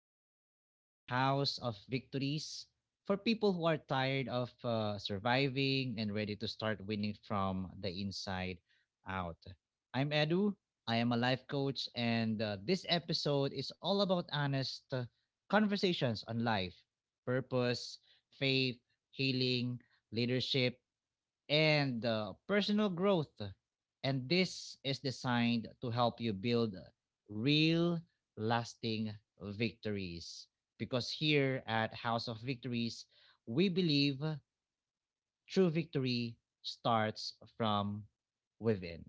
Edu, a podcast of House of Victories for people who are tired of surviving and ready to start winning from the inside out. I'm Edu, I am a life coach, and this episode is all about honest conversations on life, purpose, faith, healing, leadership, and personal growth. And this is designed to help you build real, lasting victories. Because here at House of Victories, we believe true victory starts from within.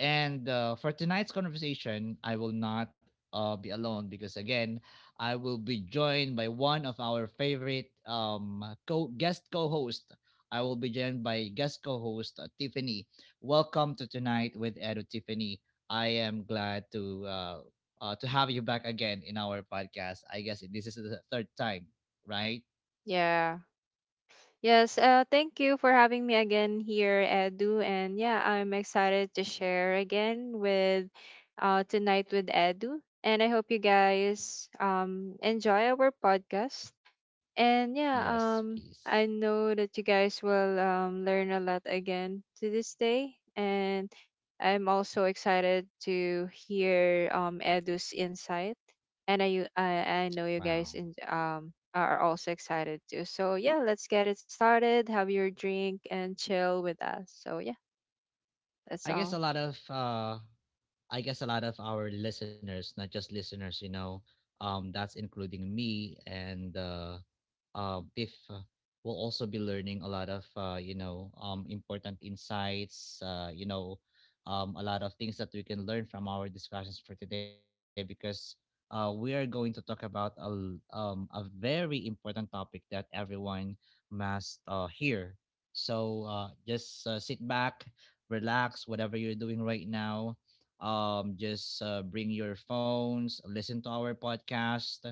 And for tonight's conversation, I will not be alone because, again, I will be joined by one of our favorite guest co host. I will be joined by guest co host Tiffany. Welcome to Tonight with Edu Tiffany. I am glad to. To have you back again in our podcast. I guess this is the third time, right? Yeah. Yes, thank you for having me again here, Edu. And yeah, I'm excited to share again with tonight with Edu. And I hope you guys enjoy our podcast. And yeah, Yes, I please. know that you guys will learn a lot again to this day. And I'm also excited to hear Edu's insight. And I know you Wow. guys are also excited too. So yeah, let's get it started. Have your drink and chill with us. So yeah, that's I guess a all. lot of uh I guess a lot of our listeners, not just listeners, that's including me and Tiff, will also be learning a lot of, important insights, a lot of things that we can learn from our discussions for today because we are going to talk about a very important topic that everyone must hear. So just sit back, relax, whatever you're doing right now just bring your phones, listen to our podcast,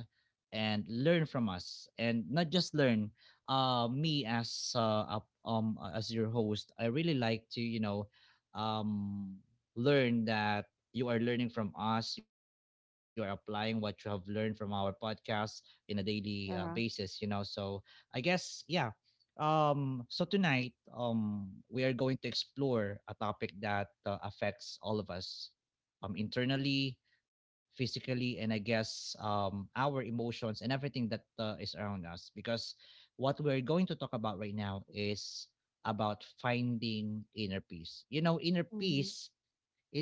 and learn from us. And not just learn. Me as as your host, I really like to um, learn that you are learning from us. You are applying what you have learned from our podcast in a daily basis. You know, Yeah. so I guess yeah. So tonight, we are going to explore a topic that affects all of us internally, physically, and I guess our emotions and everything that is around us. Because what we're going to talk about right now is about finding inner peace. You know, inner Mm-hmm. peace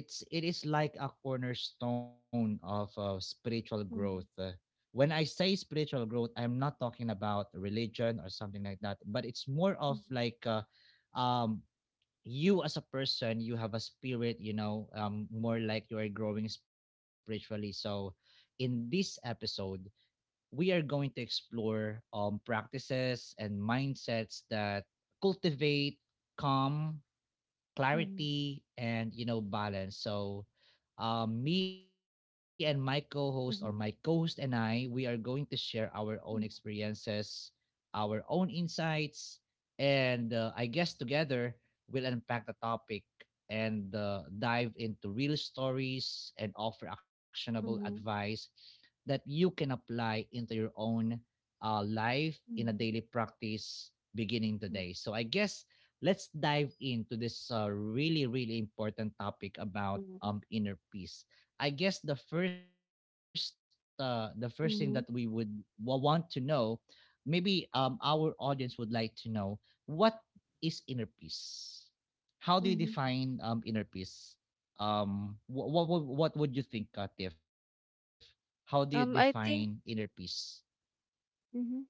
it is like a cornerstone of spiritual growth. Mm-hmm. When I say spiritual growth, I'm not talking about religion or something like that, but it's more of like um, you as a person, you have a spirit, you know. More like you are growing spiritually. So in this episode, we are going to explore practices and mindsets that cultivate calm, clarity, and you know, balance. So me and my co-host or my co-host and Mm-hmm. I, we are going to share our own experiences, our own insights, and I guess together we'll unpack the topic and dive into real stories and offer actionable Mm-hmm. Mm-hmm. advice that you can apply into your own life in a daily Mm-hmm. practice beginning today. So I guess let's dive into this really, really important topic about Mm-hmm. Inner peace. I guess the first, the first thing that we would Mm-hmm. want to know, maybe our audience would like to know, what is inner peace? How do you define inner peace? What would you think, Tiff? How do you define inner I peace? think Mhm.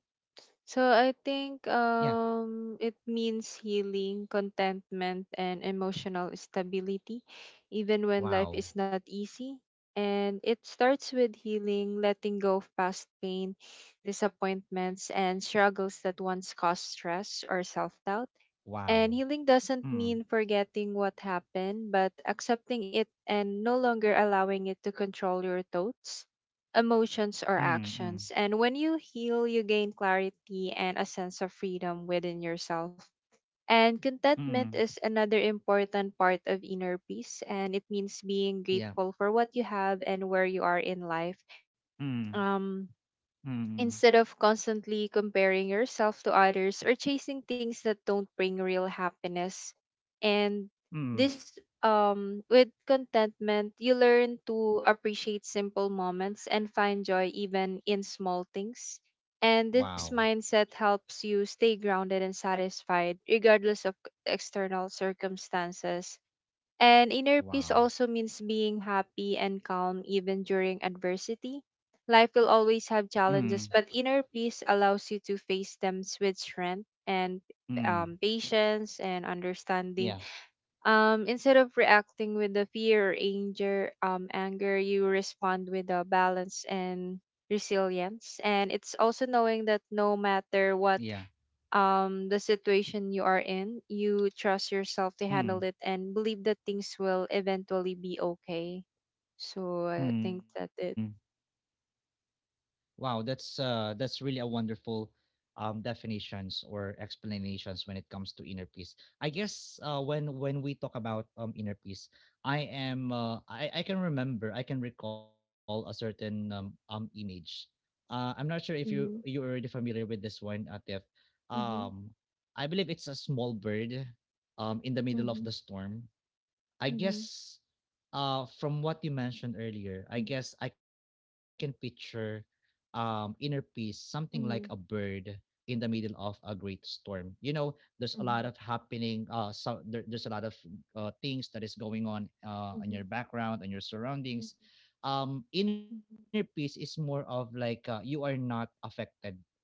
So I Yeah. think it means healing, contentment and emotional stability even when Wow. life is not easy. And it starts with healing, letting go of past pain, disappointments and struggles that once caused stress or self-doubt. Wow. And healing doesn't Mm, mean forgetting what happened, but accepting it and no longer allowing it to control your thoughts, emotions, mm, or mm, actions. And when you heal, you gain clarity and a sense of freedom within yourself. And contentment mm. is another important part of inner peace, and it means being Yeah. grateful for what you have and where you are in life. Mm. Um, Mm, Instead of constantly comparing yourself to others or chasing things that don't bring real happiness. And mm. this with contentment, you learn to appreciate simple moments and find joy even in small things. Wow, And this mindset helps you stay grounded and satisfied regardless of external circumstances, and inner peace wow. also means being happy and calm even during adversity. Life will always Mm, have challenges, but inner peace allows you to face them with strength and mm. Patience and Yeah, understanding. Instead of reacting with the fear or anger, anger, you respond with a balance and resilience. And it's also knowing that no yeah. matter what the situation you are in, you trust yourself to Mm, handle it and believe that things will eventually be okay, so I think mm. that it— Wow, that's really a wonderful definitions or explanations when it comes to inner peace. I guess when we talk about inner peace, I can remember, I can recall a certain image. I'm not sure if you're Mm-hmm. already familiar with this one, Tiff. Mm-hmm. Um I believe it's a small bird in the middle of the storm, I Mm-hmm. guess. From what you mentioned earlier, I guess Mm-hmm. I can picture inner peace, something like a Mm-hmm. bird in the middle of a great storm. You know, there's a lot of happening, so there's a lot of things that is going on in Mm-hmm. your background and your surroundings. Inner peace Mm-hmm. is more of like you are not affected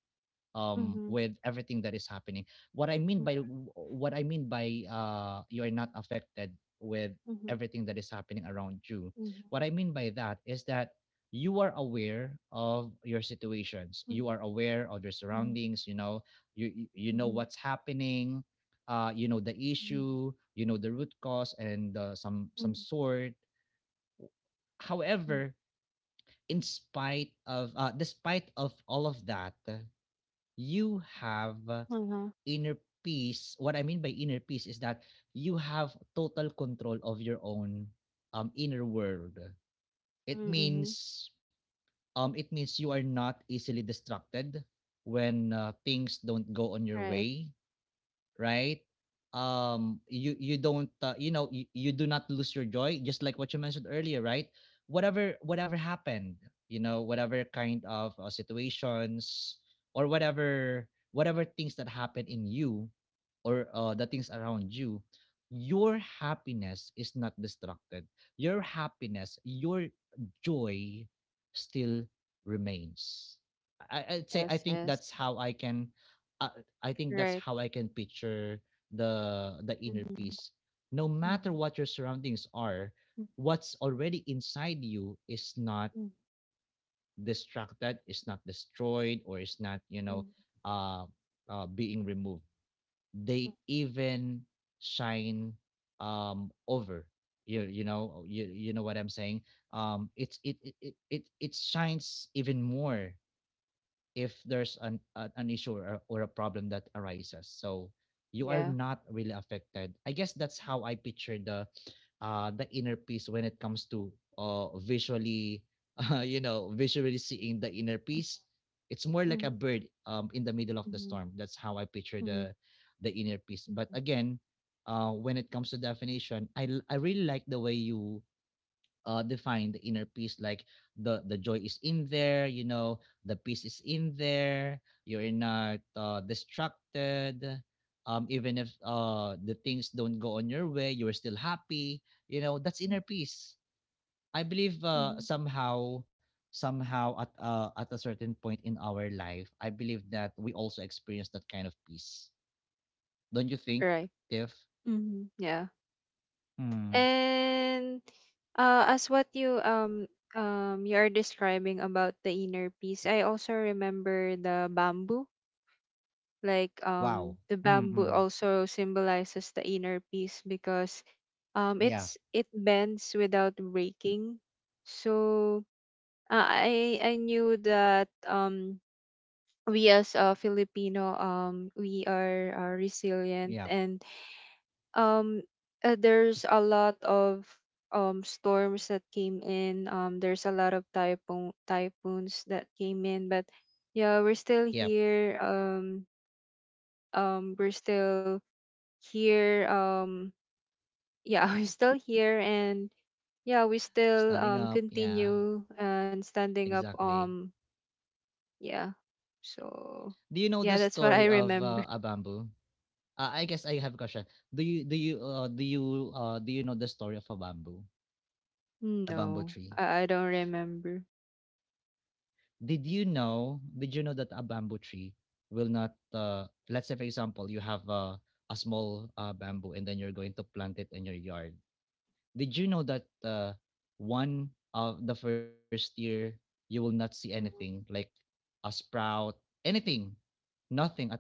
with Mm-hmm. everything that is happening. what i mean by what I mean by you are not affected with Mm-hmm. everything that is happening around you, what I mean by that is that you are aware of your situations, you are aware of your surroundings, you know, you know what's happening, you know the issue, you know the root cause and some sort. However, in spite of despite of all of that, you have Uh huh. inner peace. What I mean by inner peace is that you have total control of your own inner world. It Mm-hmm. means it means you are not easily distracted when things don't go on your Right. way, right? You you don't you know you, you do not lose your joy, just like what you mentioned earlier, right? Whatever happened, you know, whatever kind of situations or whatever things that happen in you or the things around you, your happiness is not destructed. Your happiness, your joy still remains. I Yes, think yes. that's how I can uh, I think that's Right. how I can picture the inner Mm-hmm. peace. No matter Mm-hmm. what your surroundings are, what's already inside you is not distracted, is not destroyed, or is not Mm-hmm. uh, being removed. They even shine over. You you know what I'm saying. It's it it it it, it shines even more if there's an issue or a problem that arises. So you are Yeah. not really affected. I guess that's how I picture the inner peace. When it comes to visually you know, visually seeing the inner peace, it's more like a bird in the middle of the Mm-hmm. storm. That's how I picture Mhm, the inner peace. But mhm. again, when it comes to definition, I really like the way you define the inner peace, like the joy is in there, you know, the peace is in there. You're not distracted even if the things don't go on your way, you're still happy. You know, that's Mm. inner peace, I believe. Mhm. Somehow, at a certain point in our life, I believe that we also experience that kind of peace. Don't you think, Right. Tiff? Mhm. Yeah. Mm. And as what you are describing about the inner peace, I also remember the bamboo. Like Wow. The bamboo Mm-mm. also symbolizes the inner peace, because Yeah. It bends without breaking. So I knew that we, as a Filipino, are resilient, Yeah. and um there's a lot of storms that came in. There's a lot of typhoons that came in, but yeah, we're still Yeah, here. We're still here. Yeah, we're still here, and yeah, we still standing up. Yeah. continue and standing up. Exactly. Yeah. So Do you know the yeah, that's what I story of remember. a bamboo? I guess I have a question. Do you do you do you do you know the story of a bamboo? A bamboo No, tree. I don't remember. Did you know? Did you know that a bamboo tree will not? Let's say, for example, you have a small bamboo, and then you're going to plant it in your yard. Did you know that one of the first year, you will not see anything Mm-hmm. like a sprout, anything, nothing at all?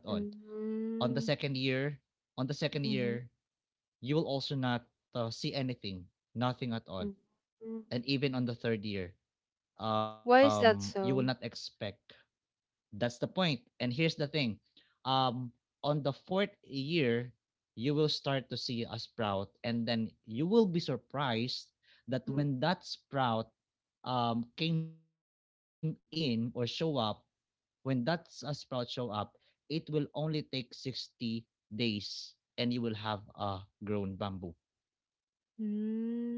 On the second year, on the second Mm-hmm. year you will also not see anything, nothing at all. Mm. Mm. And even on the third year, Why is you will that not so? expect. That's the point. And here's the thing, um on the fourth year, you will start to see a sprout, and then you will be surprised that Mm. when that sprout came in or show up, when that's a sprout show up, it will only take 60 days and you will have a grown bamboo.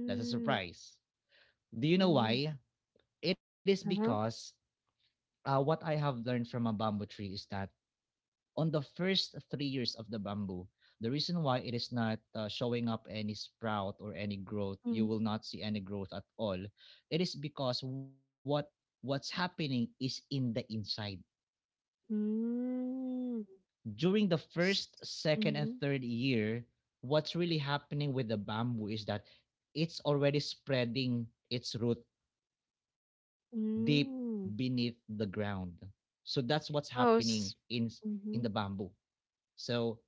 That's a surprise. Do you know Mm. why? It is Uh-huh. because what I have learned from a bamboo tree is that on the first 3 years of the bamboo, the reason why it is not showing up any sprout or any growth, you Mm. will not see any growth at all. It is because what's happening is in the inside. Mm. During the first, S- second, and Mhm. third year, what's really happening with the bamboo is that it's already spreading its root deep beneath Mm. the ground. So that's what's Oh, happening s- in the mhm. bamboo. So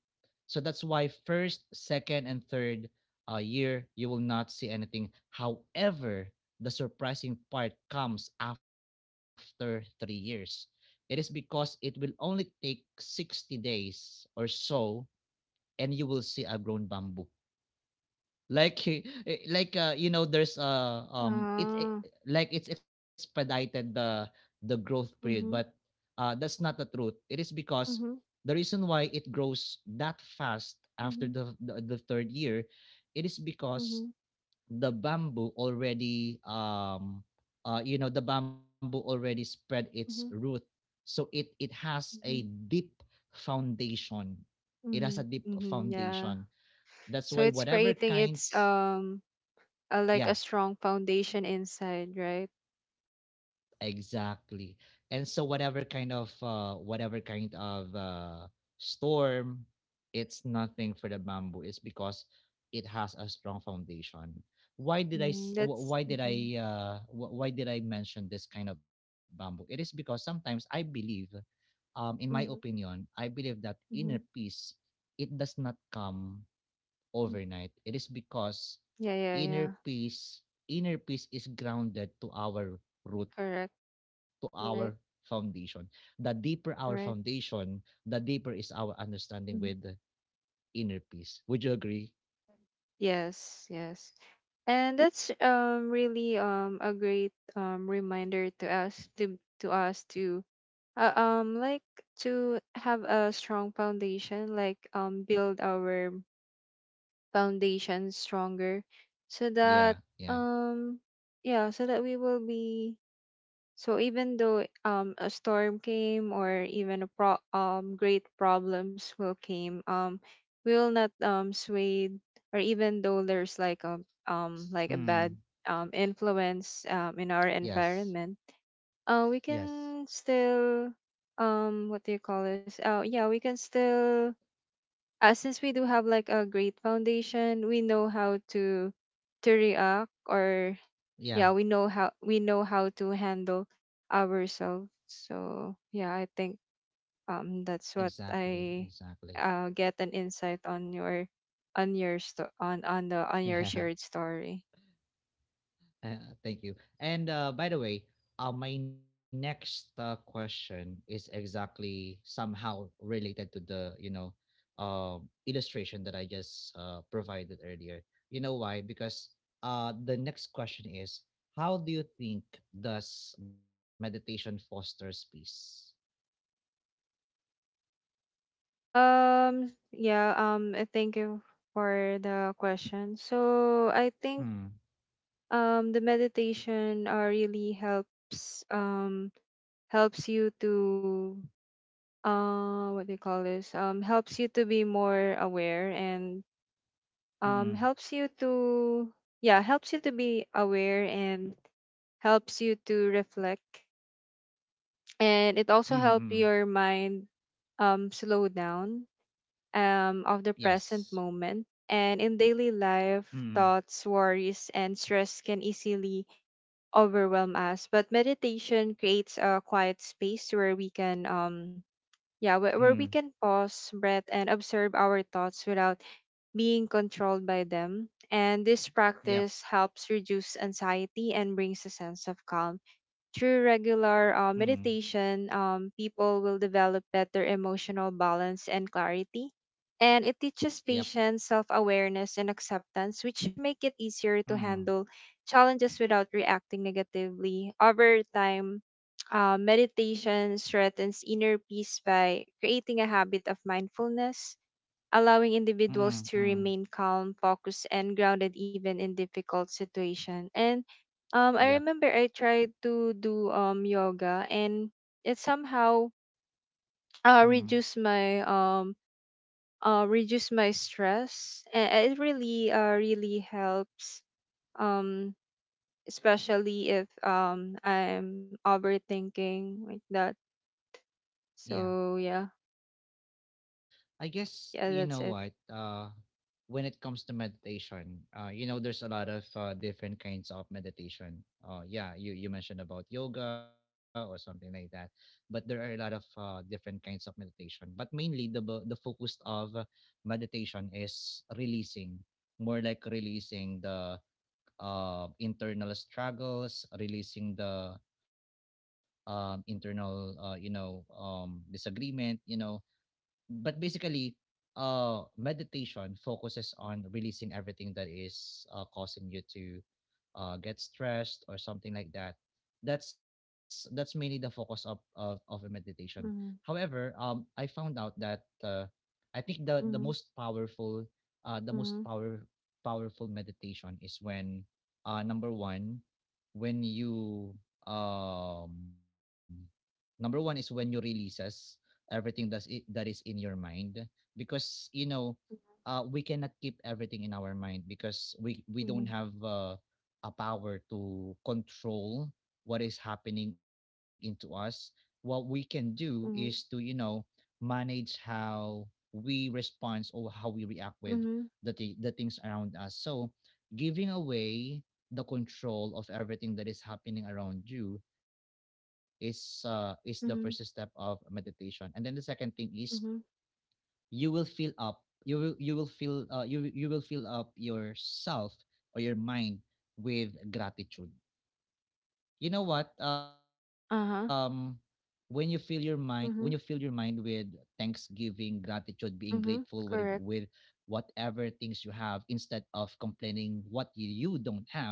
so that's why first, second, and third year, you will not see anything. However, the surprising part comes after 3 years. It is because it will only take 60 days or so and you will see a grown bamboo, like like you know, there's it Ah. like it's expedited the growth period. But Mhm. That's not the truth. It is because Mhm. the reason why it grows that fast after Mhm. The third year, it is because Mhm. the bamboo already you know, the bamboo already spread its root, Mhm. so it has a Mhm. deep foundation. It has a Mhm. deep Mhm. Yeah. foundation. That's why So it's whatever creating its kinds, a, yeah, like a strong foundation inside, right? exactly. And so whatever kind of storm, it's nothing for the bamboo. It's because it has a strong foundation. Why did I? S- Mm, wh- that's— Why did Mhm. I? Wh- Why did I mention this kind of bamboo? It is because sometimes I believe, in my Mhm. opinion, I believe that inner Mhm. peace it does not come Mm. overnight, it is because Yeah. Yeah. inner Yeah. peace, inner peace is grounded to our root, Correct. to our Right. foundation. The deeper our Right. foundation, the deeper is our understanding with the Mhm. inner peace. Would you agree? Yes, yes. And that's really a great reminder to us to like to have a strong foundation, like build our foundation stronger, so that Yeah, yeah. um yeah, so that we will be— So even though a storm came or even a great problems will came, will not sway, or even though there's like a bad Mm. Influence in our Yes. environment, we Yes. can still what do you call this? Oh yeah, we can still since we do have like a great foundation, we know how to react, or yeah, Yeah, we know how to handle ourselves. So yeah, I think exactly. that's what Exactly. I get an insight on your Yeah. on your shared story. Thank you. And by the way, my next question is exactly somehow related to the uh, illustration that I just provided earlier. You know why? Because the next question is, how do you think does meditation fosters peace? Yeah Thank you for the question. So I think Mm. The meditation really helps helps you to what do you call this? Helps you to be more aware, and um Mm. helps you to yeah helps you to be aware and helps you to reflect, Mm. and it Mm. also helps your mind slow down of the Yes. present moment. And in daily life, Mm. thoughts, worries and stress can easily overwhelm us, but meditation creates a quiet space where we can where we Mm. can pause, breath and observe our thoughts without being controlled by them. And this Yep. practice helps reduce anxiety and brings a sense of calm. Through Mm. regular meditation, people will develop better emotional balance and clarity. And it teaches Yep. patience, self awareness, and acceptance, which make it easier to Mm. handle challenges without reacting negatively. Over time, meditation strengthens inner peace by creating a habit of mindfulness, allowing individuals Mm. to Mm. remain calm, focused, and grounded even in difficult situation. And I Yep. remember I tried to do yoga, and it somehow uh Mm. reduced my um reduce my stress. And it really really helps, um especially if I'm overthinking like that. Yeah. So yeah, I guess yeah, you that's know it. what. When it comes to meditation, you know, there's a lot of different kinds of meditation. Yeah, you mentioned about yoga or something like that, but there are a lot of different kinds of meditation. But mainly the focus of meditation is releasing, more like releasing the internal struggles, releasing the internal disagreement, you know but basically meditation focuses on releasing everything that is causing you to get stressed or something like that. That's mainly the focus of a meditation. Mm-hmm. However, I found out that I think the Mm-hmm. most powerful meditation is when number one when you um releases everything that is in your mind because you know we cannot keep everything in our mind because we Mm-hmm. don't have a power to control what is happening into us. What we can do is to, you Mm-hmm. know, manage how we respond or how we react with Mm-hmm. The things around us. So giving away the control of everything that is happening around you is the first step of Mm-hmm. meditation, and then the second thing is Mhm. you will fill up you will fill up yourself or your mind with gratitude. You know what, Uh-huh. when you fill your mind, when you fill your mind Mhm. with thanksgiving, gratitude, being grateful with Mhm. Correct. whatever things you have instead of complaining what you don't have,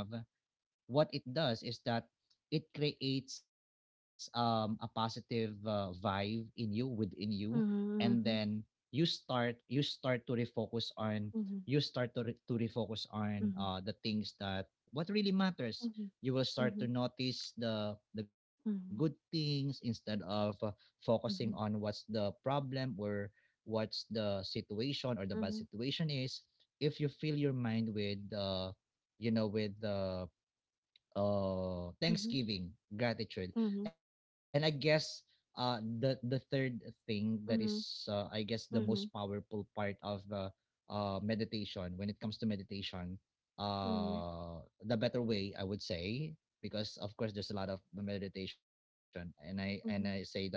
what it does is that it creates a positive vibe in you, within you, and then Mhm. You start to refocus on, you Mhm. start to, re- to refocus on Mhm. The things that, what really matters. Mhm. You will start to Mhm. notice the good things instead of focusing on what's Mhm. the problem or what's the situation or the bad Mhm. situation is. If you fill your mind with you know, with the, oh, Mhm. thanksgiving, gratitude. Mhm. And I guess the third thing that is Mhm. I guess the most Mhm. powerful part of the meditation when it comes to meditation, Mhm. The better way, I would say, because of course there's a lot of meditation, and I say that Mhm.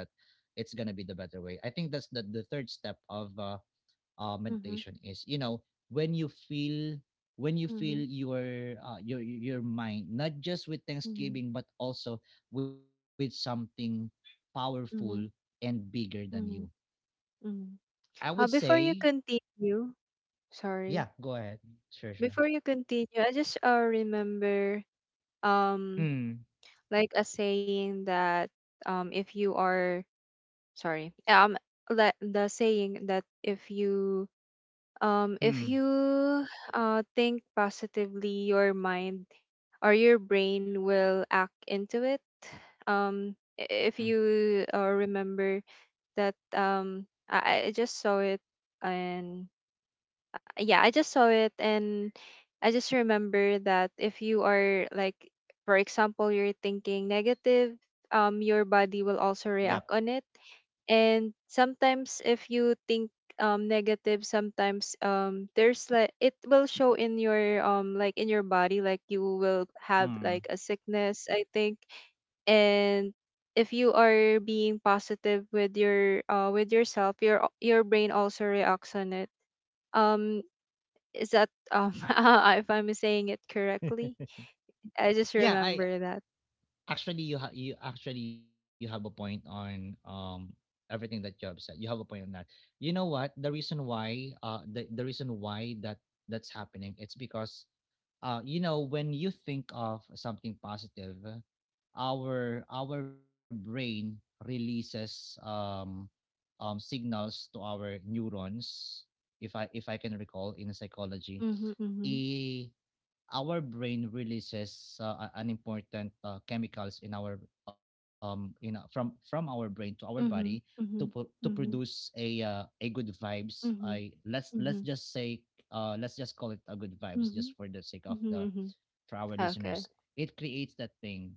it's going to be the better way. I think that's the third step of Mhm. meditation is, you know, when you feel, when you Mhm. feel Mhm. your your mind not just with Mhm. thanksgiving but also with something powerful Mhm. and bigger than you, Mhm. Mhm. Mhm. I would Before say. you continue, Yeah, sorry. go ahead. Sure, sure. Before you continue, I just remember um Mm. like a saying that if you are sorry like the saying that if Mm. you think positively, your mind or your brain will act into it. If Mm. you remember that, I just saw it, and yeah, I just saw it, and I just remember that if you are like, for example, you're thinking negative, your body Yep. will also react on it. And sometimes if you think negative, sometimes there's like, it will show in your like in your body, like you will have like Mm. a sickness, I think. And if you are being positive with your with yourself, your brain also reacts on it. Um is that if I'm saying it correctly? I just Yeah, I, remember that. actually you have, you actually you have a point on everything that you have said, you have a point on that. You know what, the reason why the reason why that that's happening, it's because you know, when you think of something positive, our brain releases signals to our neurons. If I can recall in psychology, Mhm, mhm, a our brain releases an important chemicals in our from our brain to our body mhm, to to mhm, produce mhm, a good vibes, I, mhm, let's just say let's just call it a good vibes just mhm, for the sake of mhm, the, mhm, mhm. for our Okay. listeners. It creates that pain.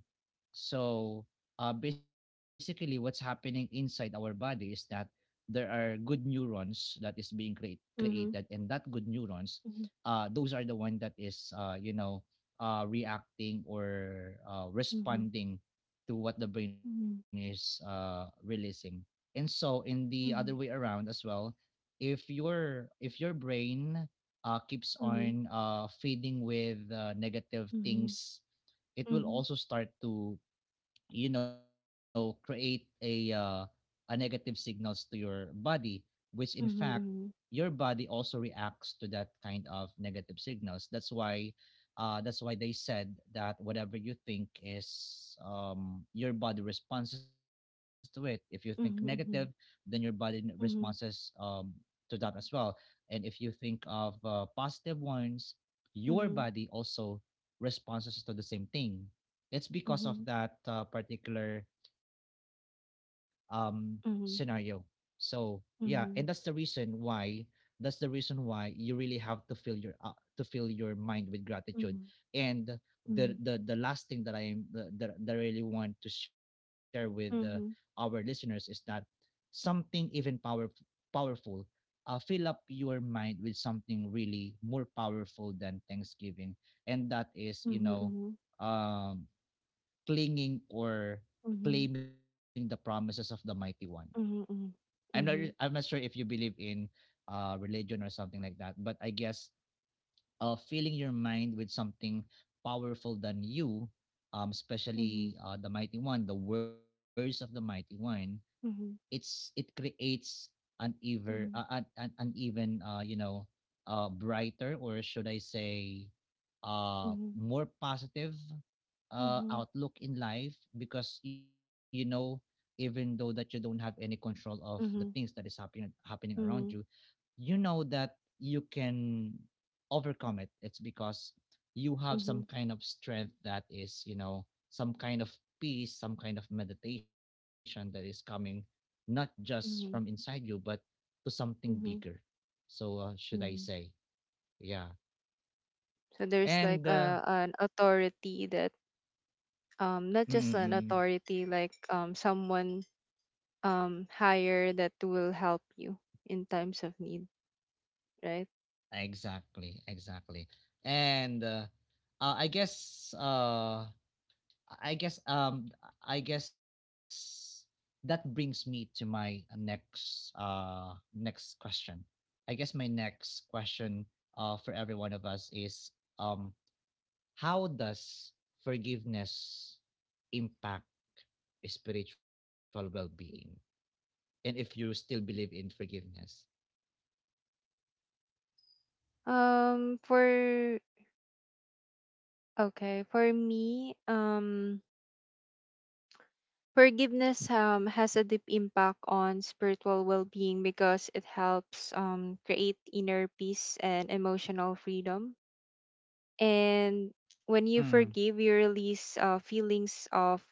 So basically, what's happening inside our body is that there are good neurons that is being create, created, Mhm, and that good neurons, mhm, those are the one that is reacting or mhm, responding to what the brain is mhm, releasing. And so in the other way mhm, around as well, if your brain keeps mhm, on feeding with negative mhm, things, it will mhm, also start to, you know, create a negative signals to your body, which in fact mhm, your mhm, body also reacts to that kind of negative signals. That's why that's why they said that whatever you think is your body responses to it. If you think negative, then your mhm, body responses to that as well, and if you think of positive ones, your mhm, body mhm, also responses to the same thing. It's because of mhm, that particular um scenario. mhm, So yeah, and that's the mhm, mhm, mhm, reason mhm, why, that's the reason why you really have to fill your mind with gratitude. mhm, And mhm, mhm, the mhm, mhm, last thing that that I really want to share with our listeners is that something even powerful, fill up your mind with something really more powerful than thanksgiving, and that is, you know, mhm, um clinging or claiming the promises of the mighty one. I'm not, I'm not sure if you believe in religion or something like that, but I guess filling your mind with something powerful than you, especially the mighty one, the words of the mighty one, it creates an mhm, even you know, brighter, or should I say mhm, more positive mhm, outlook in life, because you know, even though that you don't have any control of the things mhm, that is mhm. Happening around you, Mhm, you know that you can overcome it. It's because you have mhm, some kind of strength that is, you know, some kind of peace, some kind of meditation that is coming not just from inside mhm, you but to something bigger. mhm, So should I say, mhm. yeah. So there's like And a, an authority that not just an mm-mm, authority, like someone higher that will help you in times of need, right? exactly, exactly. And uh, i guess uh I guess I guess that brings me to my next next question. I guess my next question for every one of us is, um how does forgiveness impact spiritual well-being? And if you still believe in forgiveness. For Okay, for me, forgiveness has a deep impact on spiritual well-being, because it helps create inner peace and emotional freedom. And when you Mm, forgive, you release feelings of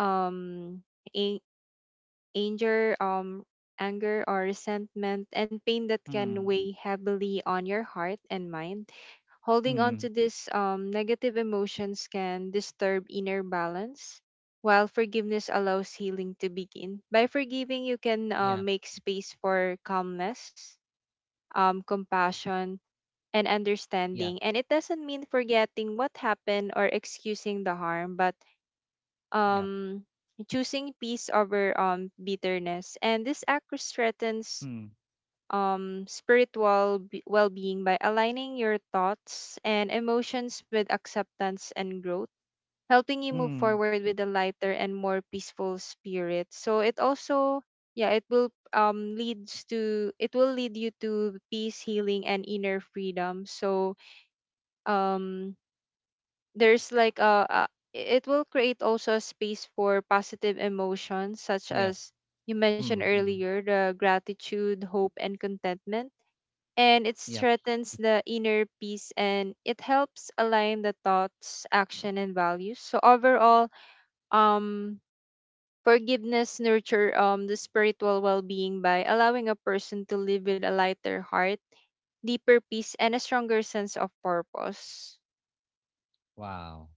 um a- anger, anger or resentment and pain that can mm, weigh heavily on your heart and mind. Holding on to mm. these negative emotions can disturb inner balance, while forgiveness allows healing to begin. By forgiving, you can Yeah, make space for calmness, compassion and yeah, understanding. And it doesn't mean forgetting what happened or excusing the harm, but yeah. um, choosing peace over bitterness. And this act Mm, threatens spiritual well being by aligning your thoughts and emotions with acceptance and growth, helping you move mm, forward with a lighter and more peaceful spirit. So it also, yeah, it will leads to it will lead you to peace, healing, and inner freedom. So um there's like a, it will create also a space for positive yeah. emotions such as, you Mm, mm, mentioned earlier, the gratitude, hope and contentment. And it yep. strengthens the inner peace, and it helps align the thoughts, action and values. So overall, um forgiveness nurture the spiritual well-being by allowing a person to live with a lighter heart, deeper peace and a stronger sense of purpose. Wow.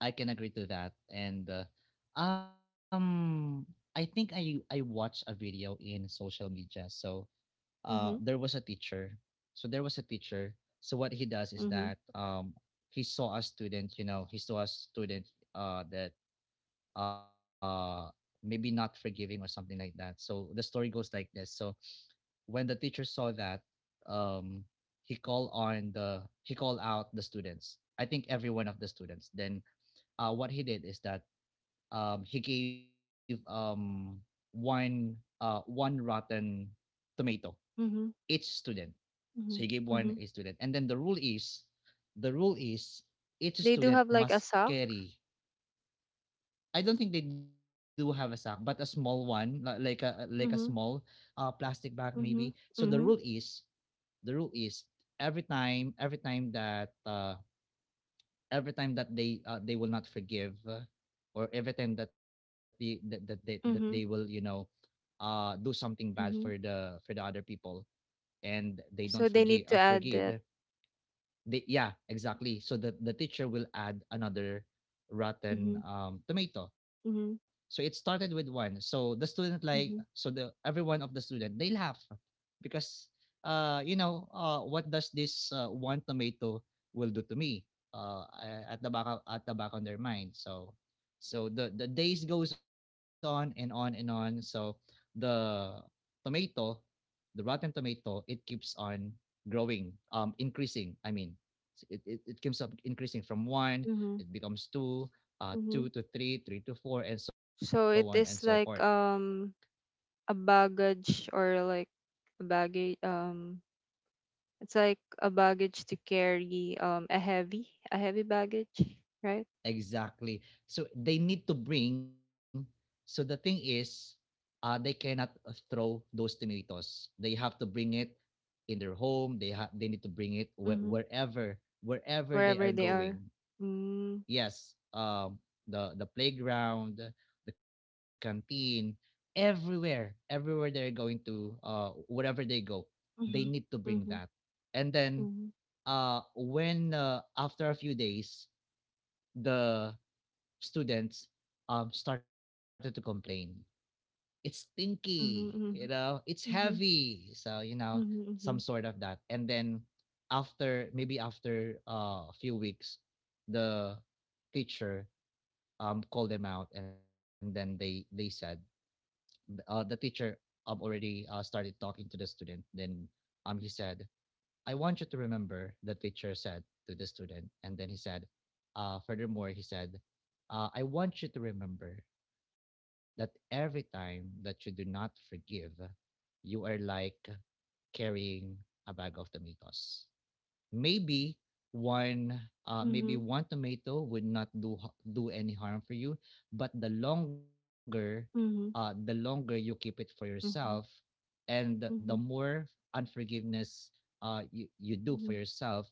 I can agree to that. And um, I think I watched a video in social media. So there Mm-hmm. was a teacher. So there was a teacher. So what he does is Mm-hmm. that he saw a student. You know, he saw a student that uh, maybe not forgiving or something like that. So the story goes like this. So when the teacher saw that, um, he called on the he called out the students. I think every one of the students. Then what he did is that he gave one one rotten tomato Mm-hmm. each student. So he Mhm, gave one a mhm. student, and then the rule is, the rule is each They do student have like a must sock. carry. I don't think they do have a sack, but a small one, like a small Mhm, plastic bag maybe. So mhm, the rule mhm, is, the rule is every time, every time that they will not forgive or every time that they will, you mhm, know, do something bad mhm. For the other people, and they don't So they forgive need uh, to add forgive that. They, yeah, exactly. So the teacher will add another rotten Mhm, tomato. So it mhm, started with one. So the student like so the mhm, every one of the student, they laugh because what does this one tomato will do to me, uh at the back, at the back on their mind. So so the days goes on and on and on. So the tomato, the rotten tomato, it keeps on growing, increasing. I mean, so it keeps up increasing from one, mhm, it becomes two, mhm. two to three, three to four, and so on and So so it forth. is like a baggage, or like a baggage, it's like a baggage to carry, a heavy baggage, right? Exactly. So they need to bring. So the thing is, they cannot throw those tomatoes. They have to bring it in their home. They need to bring it Mhm. wherever, wherever they Wherever are they are. going. Mm. Yes, the playground, the canteen, everywhere, everywhere they're going to, wherever they go, they need Mhm. to bring that. Mhm. And then Mhm. When, after a few days, the students started to complain, "It's stinky, you Mhm. know, Mhm. it's Mhm. heavy," so, you know, some sort Mhm. of that. And then after, maybe after a few weeks, the teacher called them out, and then they said, the teacher already started talking to the student. Then he said, "I want you to remember," the teacher said to the student, and then he said, "Furthermore," he said, "I want you to remember that every time that you do not forgive, you are like carrying a bag of tomatoes." Maybe one, maybe Mhm. one tomato would not do do any harm for you, but the longer, the Mhm. longer you keep it for yourself, Mhm. and the Mhm. more unforgiveness you do for Mhm. yourself,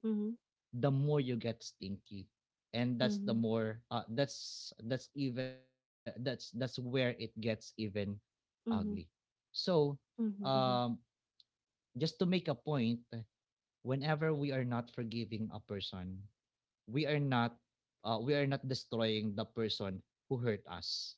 Mhm. the more you get stinky, and that's the Mhm. more, that's even that's where it gets even ugly. Mhm. So, Mhm. um Mhm. just to make a point, whenever we are not forgiving a person, we are not, we are not destroying the person who hurt us.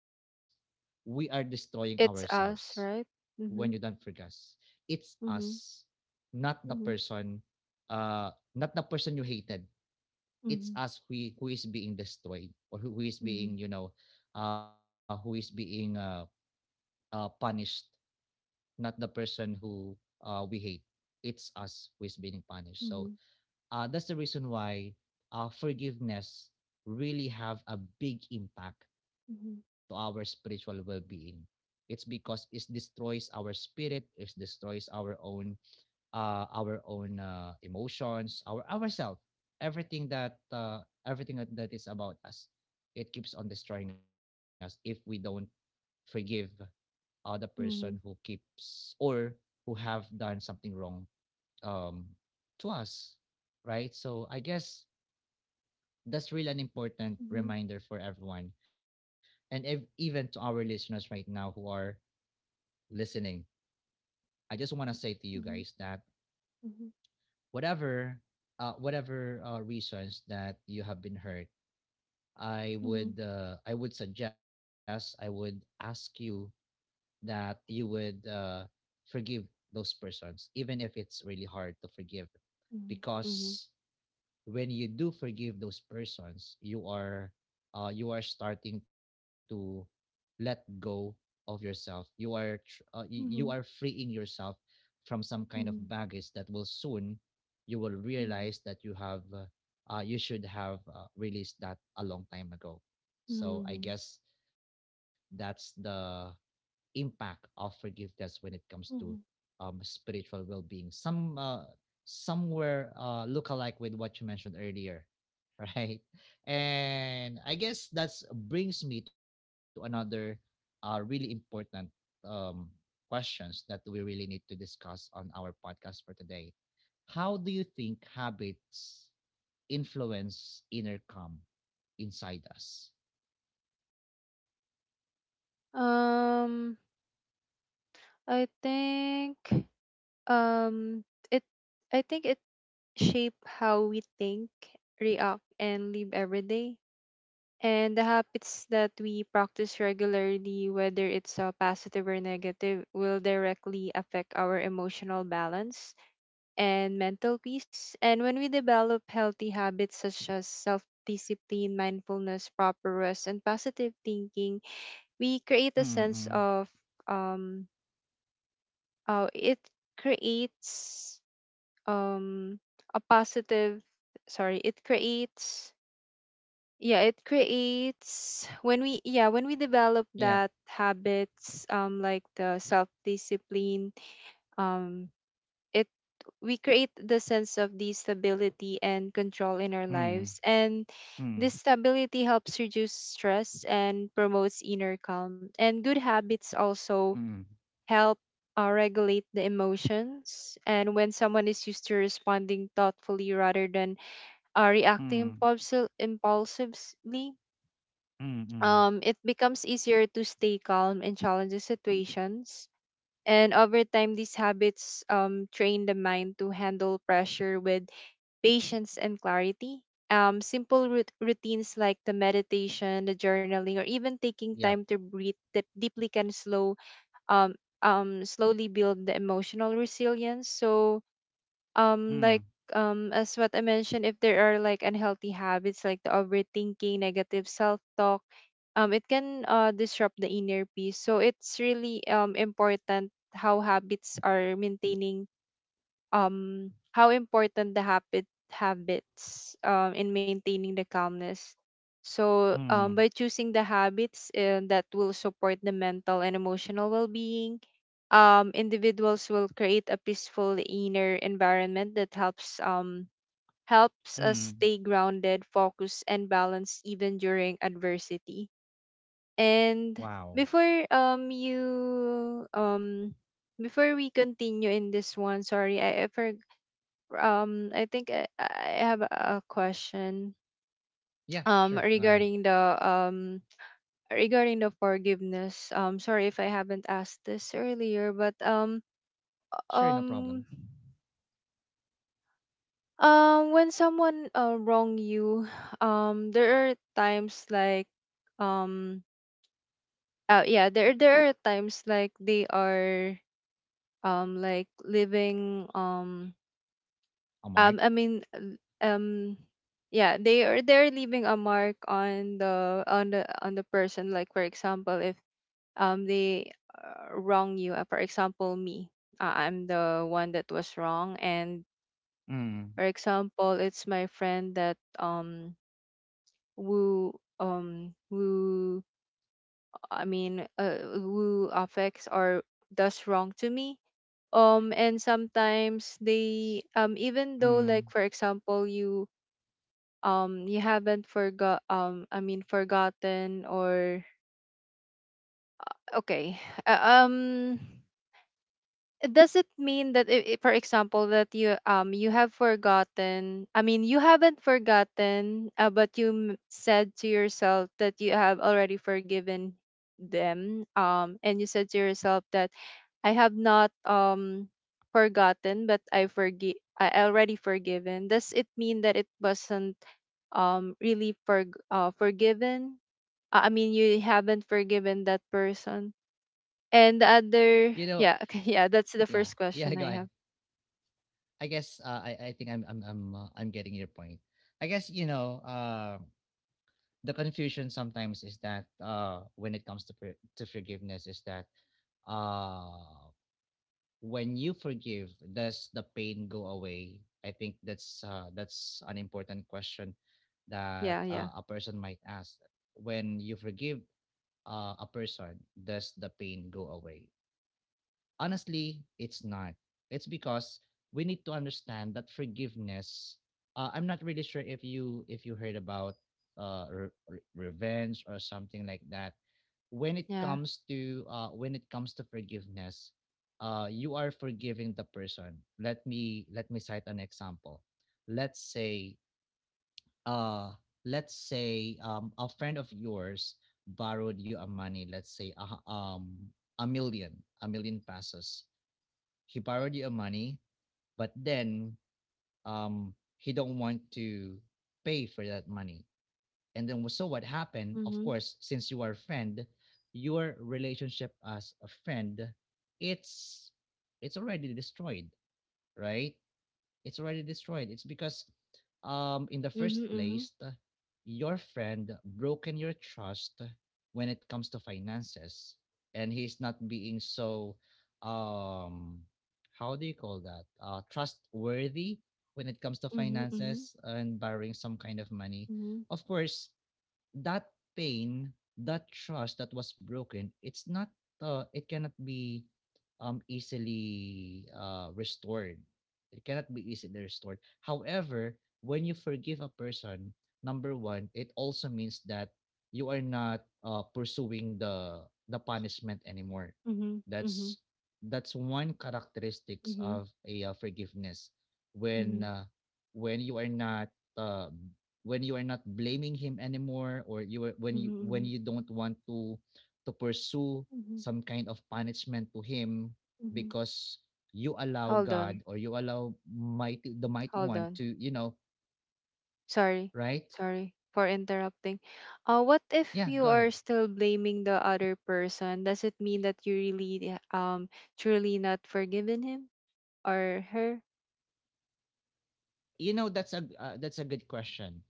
We are destroying ourselves. It's us, When you right? don't forgive, Mhm. it's us, Mhm. not the person, Mhm. uh not the person you hated. It's us Mhm. who is being destroyed, or who, is being, Mhm. you know, who is being punished, not the person who we hate. It's us who is being punished. So Mhm. That's the reason why forgiveness really have a big impact to our spiritual well-being. It's because it destroys our spirit, it destroys our own, our own, emotions, our ourselves, everything that, everything that is about us. It keeps on destroying us if we don't forgive the person who Mhm. keeps or who have done something wrong, um, to us. Right, so I guess that's really an important Mhm. reminder for everyone, and even to our listeners right now who are listening. I just want to say to you Mhm. guys that whatever, reasons that you have been hurt, i Mhm. would uh, i would suggest i would ask you that you would, forgive those persons, even if it's really hard to forgive. Mhm. Mhm. Mhm. Because when you do forgive those persons, you are, you are starting to let go of yourself. You are you are Mhm. freeing yourself from some kind Mhm. of Mhm. baggage that will soon, you will Mhm. realize that you have, you should have, released that a long time ago. So I Mhm. guess that's the impact of forgiveness when it comes to, Mhm. Spiritual well-being. Some, somewhere look alike with what you mentioned earlier, right? And I guess that's brings me to another, really important, um, questions that we really need to discuss on our podcast for today. How do you think habits influence inner calm inside us. Um, I think um it I think it shape how we think, react, and live every day. And the habits that we practice regularly, whether it's positive or negative, will directly affect our emotional balance and mental peace. And when we develop healthy habits such as self discipline, mindfulness, proper rest, and positive thinking, we create Mm-mm. a sense of, um, it creates um, a positive, sorry, it creates yeah it creates when we yeah when we develop that Yep. habits like the self discipline um it we create the sense of the stability and control in our Mm, lives, and this mm, stability helps reduce stress and promotes inner calm. And good habits mm, also help regulate the emotions, and when someone is used to responding thoughtfully rather than reacting mm, impulsively, mm, mm, it becomes easier to stay calm in challenging situations. And over time, these habits train the mind to handle pressure with patience and clarity. Simple routines like the meditation, the journaling, or even yep, taking time to breathe deeply can slow um, slowly build the emotional resilience. So, um mm, like as what I mentioned, if there are like unhealthy habits like the overthinking, negative self-talk, it can disrupt the inner peace. So it's really important how habits are maintaining how important the habits in maintaining the calmness. So mm, by choosing the habits that will support the mental and emotional well-being, individuals will create a peaceful inner environment that helps helps us mm. stay grounded, focused, and balanced even during adversity. And Wow. before you before we continue in this one, sorry, I for, I think I have a question Yeah, um sure. Go ahead. regarding the um regarding the forgiveness. Sorry if I haven't asked this earlier, but Sure, no problem. um when someone wrong you, there are times like um yeah, there are times like they are like living A mark. um i mean l- um yeah they are they're leaving a mark on the on the person. Like for example, if they wrong you, for example, me, I'm the one that was wrong. And Mm, for example, it's my friend that who who affects or does wrong to me. And sometimes they even though, like, mm. for example, you you haven't forgot, I mean forgotten, or okay, uh, um does it mean that for example, that you you have forgotten, I mean you haven't forgotten, but you said to yourself that you have already forgiven them, and you said to yourself that I have not forgotten, but I forgive, I already forgiven, does it mean that it wasn't really for forgiven, I mean, you haven't forgiven that person. And the You know, other, yeah, okay, yeah, that's yeah. the first Yeah, go ahead. question I have. I guess, I think I'm getting your point. I guess, you know, the confusion sometimes is that, when it comes to to forgiveness is that, uh, when you forgive, does the pain go away? I think that's, that's an important question that, Yeah, yeah, a person might ask. When you forgive, a person, does the pain go away? Honestly, it's not. It's because we need to understand that forgiveness. I'm not really sure if you heard about, revenge or something like that. When it yeah. comes to, forgiveness, you are forgiving the person. Let me cite an example. Let's say, uh, a friend of yours borrowed you a money. Let's say um, a million, a million pesos, he borrowed you money, but then, he don't want to pay for that money. And then, so what happened? Of Mhm, course, since you are a friend, your relationship as a friend, it's, already destroyed, right? It's already destroyed. It's because, in the first mhm, mhm, place, your friend broken your trust when it comes to finances, and he's not being so, um how do you call that, trustworthy when it comes to mhm, finances and borrowing some kind of money. mhm, Of course, that pain, that trust that was broken, it's not, it cannot be, easily restored. It cannot be easily restored. However, when you forgive a person, number one, it also means that you are not, pursuing the punishment anymore. mhm, mhm, That's that's one characteristics mhm, of a, forgiveness, when, mhm, you are not, uh, when you are not blaming him anymore, or you are- when mhm, mhm, you don't want to pursue mhm, some kind of punishment to him, mhm. because you allow Hold on, God, or you allow mighty the mighty hold one on. to, you know, Sorry, right, sorry for interrupting. What if yeah, you go are ahead. still blaming the other person? Does it mean that you really, truly not forgiven him or her? You know, that's a, that's a good question.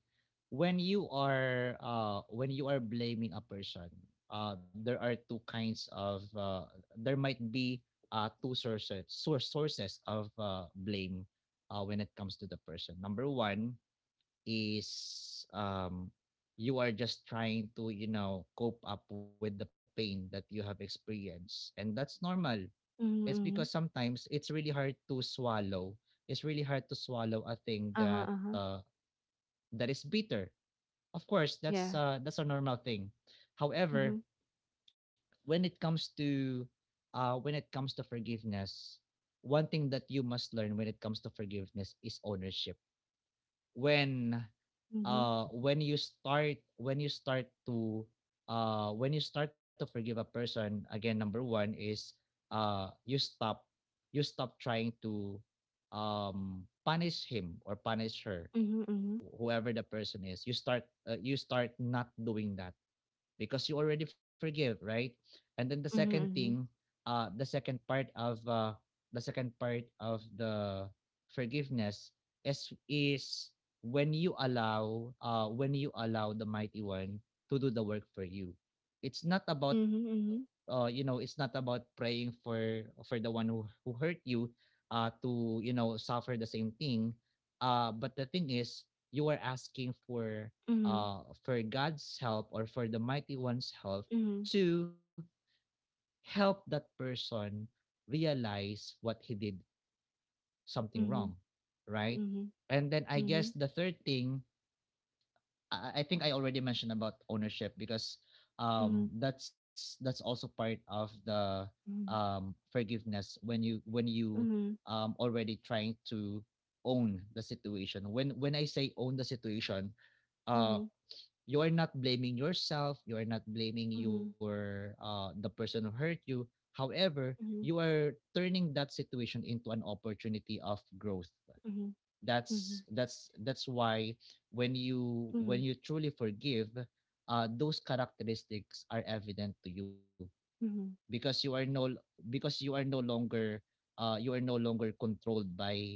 When you are, when you are blaming a person, there are two kinds of, there might be two sources of, blame, when it comes to the person. Number one is, you are just trying to, you know, cope up with the pain that you have experienced, and that's normal. It's Mm-hmm. because sometimes it's really hard to swallow. It's really hard to swallow a thing that, Uh-huh. That is bitter. Of course, Yeah. that's, that's a normal thing. Mhm. However, when it comes to, forgiveness, one thing that you must learn when it comes to forgiveness is ownership. When, Mhm. When you start to, when you start to forgive a person, again, number one is, uh you stop you stop trying to, punish him or punish her, Mhm. whoever the person is. You start, you start not doing that, because you already forgive, right? And then the second thing, Mhm. uh, the second part of uh, the second part of the forgiveness is when you allow, when you allow the mighty one to do the work for you. It's not about, Mhm. you know, it's not about praying for the one who, hurt you, to, you know, suffer the same thing. But the thing is, you are asking for, Mhm. For God's help, or for the mighty one's help, Mhm. to help that person realize what he did something wrong, Mhm. right? Mhm. And then I guess Mhm. the third thing, I, think I already mentioned about ownership, because, Mhm. That's also part of the, Mhm. Forgiveness, when you, Mhm. Already trying to own the situation. When, I say own the situation, uh, Mhm. you're not blaming yourself, you're not blaming Mhm. your, the person who hurt you. However, you Mhm. are turning that situation into an opportunity of growth. Mhm. That's, Mhm. that's why, when Mhm. Mhm. you truly forgive, those characteristics are evident to you, Mhm. because you are no, because you are no longer, you are no longer controlled by,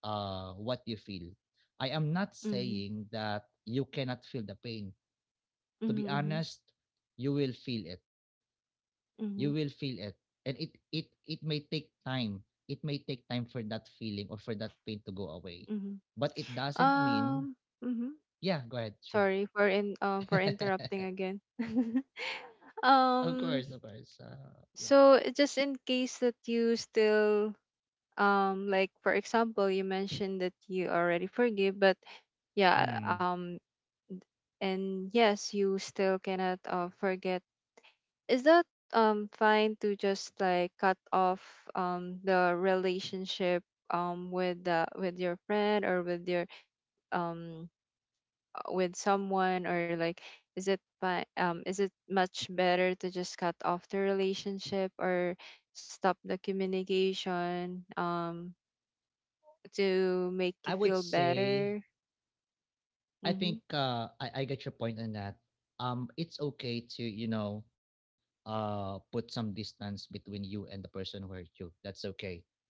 what you feel. I am not Mhm. saying that you cannot feel the pain. Mhm. To be Mhm. honest, you will feel it. You will Mhm. feel it. And it may take time. It may take time for that feeling, or for that pain, to go away. Mhm. But it doesn't mean. Um. Mhm. Yeah, go ahead, sure. Sorry for in for interrupting again. Of course, of um. course. Yeah. So just in case that you still like for example you mentioned that you already forgive but yeah, Mm. And yes you still cannot forget, is that fine to just like cut off the relationship with the with your friend or with your um with someone, or like is it fine, is it much better to just cut off the relationship or stop the communication to I make would you feel say, better. I think, Mm-hmm. I get your point on that. It's okay to, you know, put some distance between you and the person who hurt you. That's okay.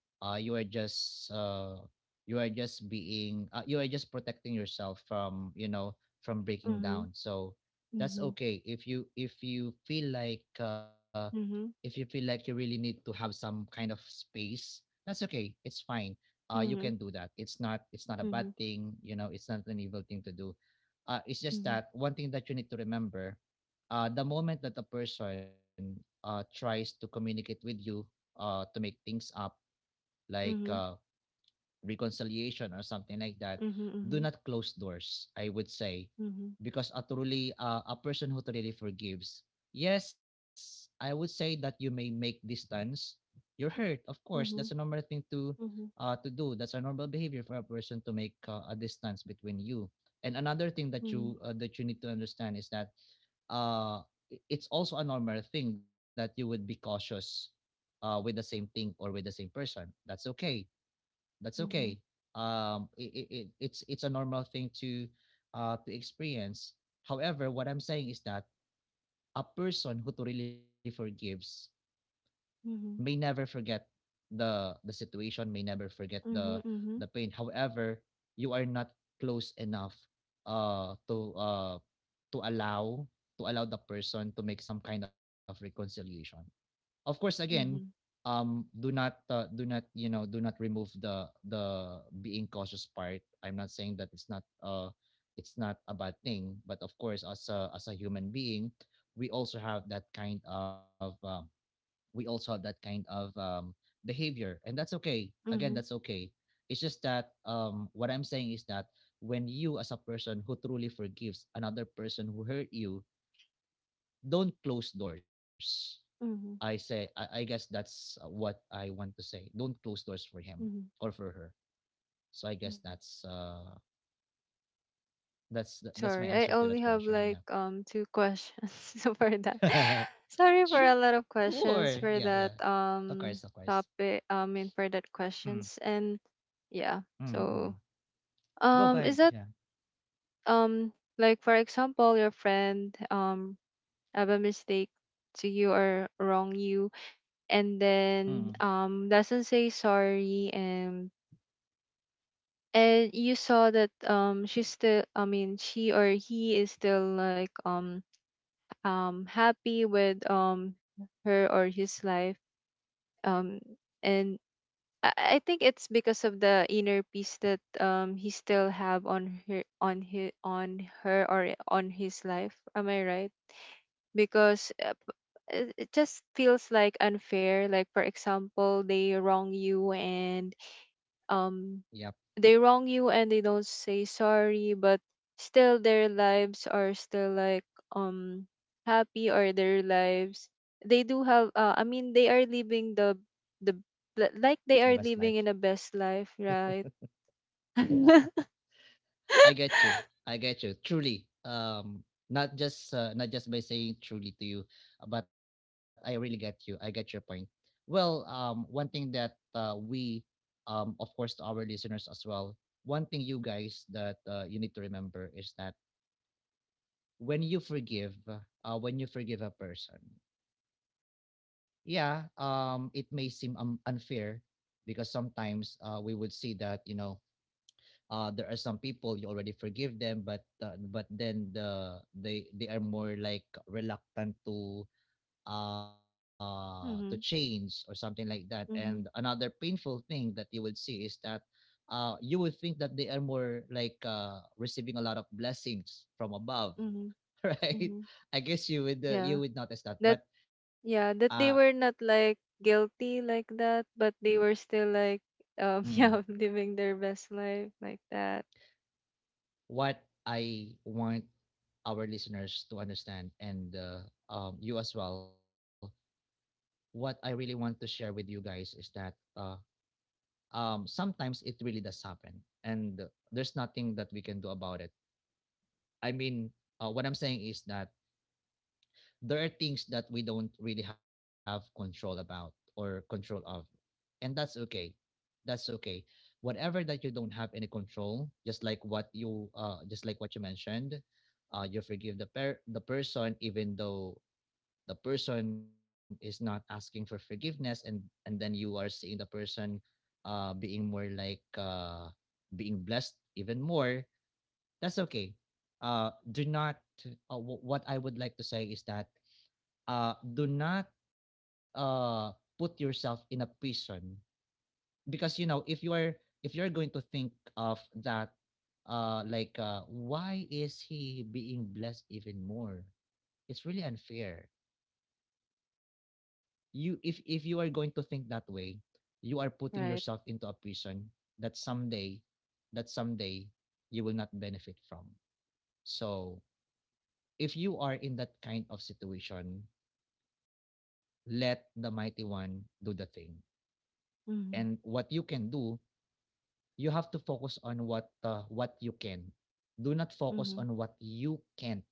uh, you are just uh, you are just being, you are just protecting yourself from, you know, from breaking Mm-hmm. down. So that's Mm-hmm. okay, if you feel like, if you Mm-hmm. feel like you really need to have some kind of space, that's okay, it's fine. You can Mm-hmm. do that, it's not, it's not a bad Mm-hmm. thing, you know, it's not an evil thing to do. It's just Mm-hmm. that one thing that you need to remember. The moment that a person, tries to communicate with you, to make things up, like, Mm-hmm. Reconciliation or something like that, Mm-hmm. do Mm-hmm. not close doors, I would say, Mm-hmm. because a truly, a person who truly forgives, yes, I would say that you may make distance. You're hurt, of course. That's a Mm-hmm. normal thing to, Mm-hmm. To do. That's a normal behavior for a person to make, a distance between you. And another thing Mm-hmm. That you need to understand is that uh, it's also a normal thing that you would be cautious with the same thing or with the same person. That's okay that's Mm-hmm. okay um it, it, it's a normal thing to experience. However, what I'm saying is that a person who truly forgives may Mm-hmm. never forget the situation, may never forget the Mm-hmm. the pain. However, you are not close enough uh to uh to allow to allow the person to make some kind of reconciliation. Of course, again, Mm-hmm. Do not you know do not remove the being cautious part. I'm not saying that it's not a bad thing, but of course, as a human being, we also have that kind of uh, we also have that kind of behavior, and that's okay. Again, Mm-hmm. that's okay. It's just that what I'm saying is that when you, as a person who truly forgives another person who hurt you, don't close doors. I Mm-hmm. say, I guess that's what I want to say. Don't close doors for him Mm-hmm. or for her. So I guess Mhm. That's Sorry, my I answer to only that have question. like two questions so for that. Yeah. Sorry for a lot of Sure. Yeah, questions yeah. for that Of course, of course. Topic. I mean for that Mm, questions and yeah. mm, mm, mm. So Go, go is ahead. that Yeah. um like for example your friend have a mistake to you or wrong you, and Mm. then doesn't say sorry, and you saw that she's still, I mean, she or he is still like happy with her or his life, um and I I think it's because of the inner peace that he still have on her on his on her or on his life. Am I right? Because it it just feels like unfair, like for example they wrong you and um Yep. they wrong you and they don't say sorry, but still their lives are still like um happy, or their lives, they do have I mean they are living the The like best they are life. living in a best life, right? Yeah. I get you. Mm-hmm, I get you. Truly. Not just not just by saying truly to you, but I really get you. I get your point. Well, one thing that we of course, to our listeners as well, one thing you guys that you need to remember is that when you forgive a person, yeah, it may seem unfair, because sometimes we would see that, there are some people you already forgive them, but but then they are more like reluctant to change or something like that. And mm-hmm, another painful thing that you would see is that you would think that they are more like receiving a lot of blessings from above. mm-hmm, Right? mm-hmm. I guess you yeah would notice that, that uh Yeah, that they were not like guilty like that, but they were still like mm, yeah, living their best life like that, what I want our listeners to understand, and you as well. What I really want to share with you guys is that uh, sometimes it really does happen, and there's nothing that we can do about it. I mean, what I'm saying is that there are things that we don't really have control about or control of, and that's okay. That's okay. Whatever that you don't have any control, just like what you just like what you mentioned, you forgive the person even though the person is not asking for forgiveness, and then you are seeing the person being more like being blessed even more. That's okay. Do not w- What I would like to say is that, do not, uh put yourself in a prison. Because, if you're going to think of that, like, why is he being blessed even more? It's really unfair. You if if you are going to think that way, you are putting right? yourself into a prison. That someday that someday you will not benefit from. So if you are in that kind of situation, let the mighty one do the thing. And Mhm. what you can do, you have to focus on what you can. Do not focus Mhm. on what you can't.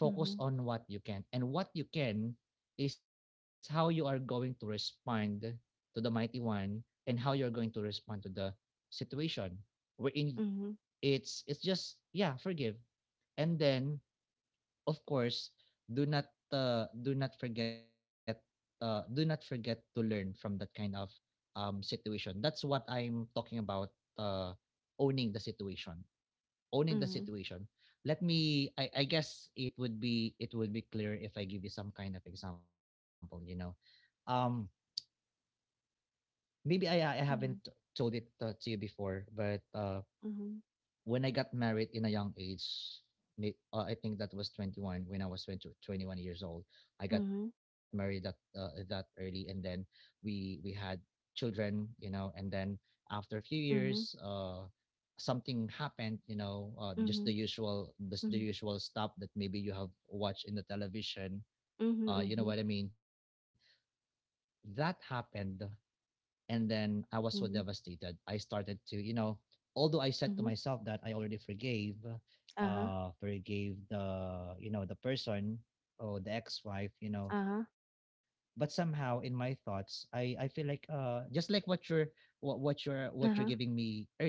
Focus Mhm. on what you can. And what you can is how you are going to respond to the mighty one, and how you're going to respond to the situation, wherein Mhm. it's just, yeah, forgive, and then, of course, do not uh, do not forget do not forget to learn from that kind of situation. That's what I'm talking about, uh, owning the situation, owning the Mhm. situation. Let me, I guess it would be clear if I give you some kind of example, um maybe I haven't Mhm. told it to you before, but when I got married in a young age, I think that was 21. When I was 20, 21 years old, I got Mhm. married, that early. And then we had children, and then, after a few years, Mhm. Something happened, Mhm. just the usual, just Mhm. the Mhm. usual stuff that maybe you have watched in the television. You know Mhm. what I mean? That happened, and then I was so Mhm. Mhm. devastated. I started to. Although I said to Mhm. myself that I already forgave, Uh-huh. Forgave, the the person or the ex-wife. Uh-huh. But somehow, in my thoughts, I feel like, just like what you're giving Uh-huh. me earlier.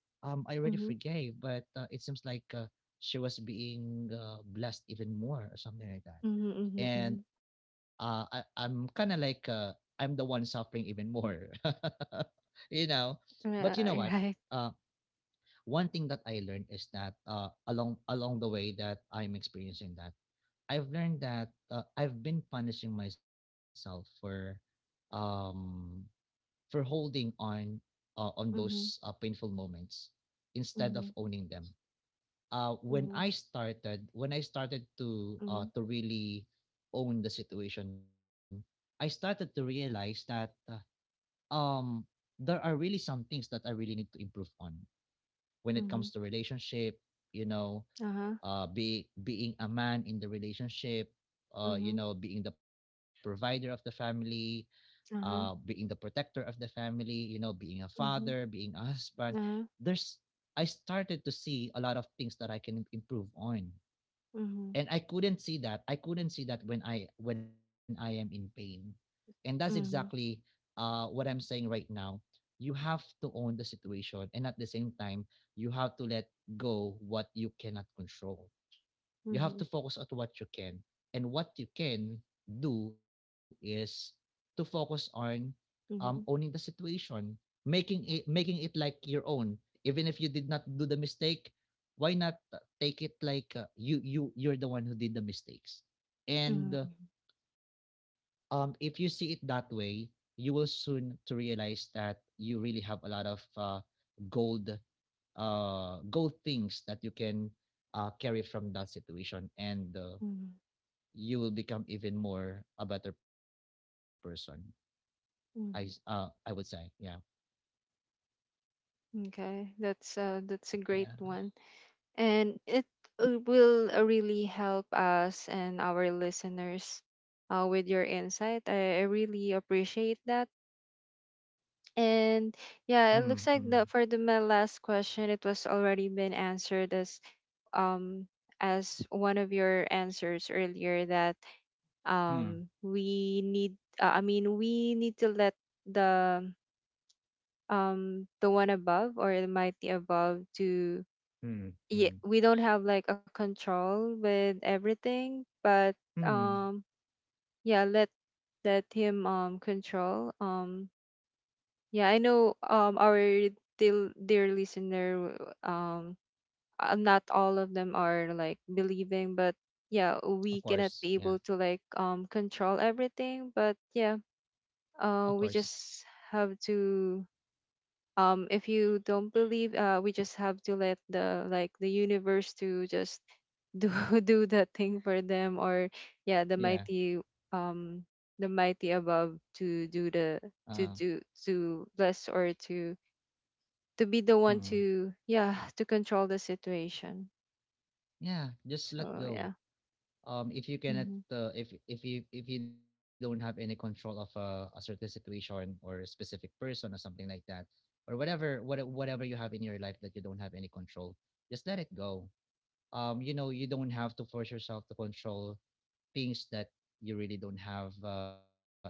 I already Mhm. forgave, but it seems like, she was being, blessed even more or something like that. Mhm. Mhm. And, Mhm. I'm kind of like, I'm the one suffering even more. you know. But you know what? Right. Right. Uh, One thing that I learned is that, along the way that I'm experiencing that, I've learned that, I've been punishing myself for, um for holding on those, Mhm. painful moments instead of Mhm. owning them. When Mhm. I started, when I started to, Mhm. to really own the situation, I started to realize that, um there are really some things that I really need to improve on when it comes Mhm. to relationship. You know, Uh-huh. Be being a man in the relationship. You Mhm. know, being the provider of the family, being the Uh-huh. protector of the family, being a father, Mhm. being a husband, Uh-huh. there's I started to see a lot of things that I can improve on. Mhm. And I couldn't see that. I couldn't see that when I am in pain. And that's Mhm. exactly, Mhm. What I'm saying right now. You have to own the situation, and at the same time, you have to let go what you cannot control. You have to Mhm. focus on what you can. And what you can do is to focus on, owning the Mhm, situation, making it like your own. Even if you did not do the mistake, why not take it like, you're the one who did the mistakes. And, mhm, if you see it that way, you will soon to realize that you really have a lot of, gold, gold things that you can, carry from that situation. And mhm, you will become even more a better person. I would mhm. say, yeah, Okay, that's yeah. a great one, and it will really help us and our listeners with your insight. I really appreciate that, and yeah, it looks Mm, like mm, the for the my last question, it was already been answered um as one of your answers earlier that mm, we need I mean we need to let the the one above, or it might be above, to mm, mm, yeah we don't have like a control with everything, but mm. um yeah let let him control, yeah I know, our dear, dear listener, um not all of them are like believing, but yeah we Of cannot course, be yeah, able to like control everything, but yeah of course, we just have to if you don't believe we just have to let the like the universe to just do do that thing for them, or yeah yeah. Um the mighty above to do the Uh, to do to bless or to be the one mm. to yeah to control the situation. Yeah. Just let So go. yeah, If you cannot, mm-hmm, if you don't have any control of, a certain situation or a specific person or something like that, or whatever you have in your life that you don't have any control, just let it go. You don't have to force yourself to control things that you really don't have, any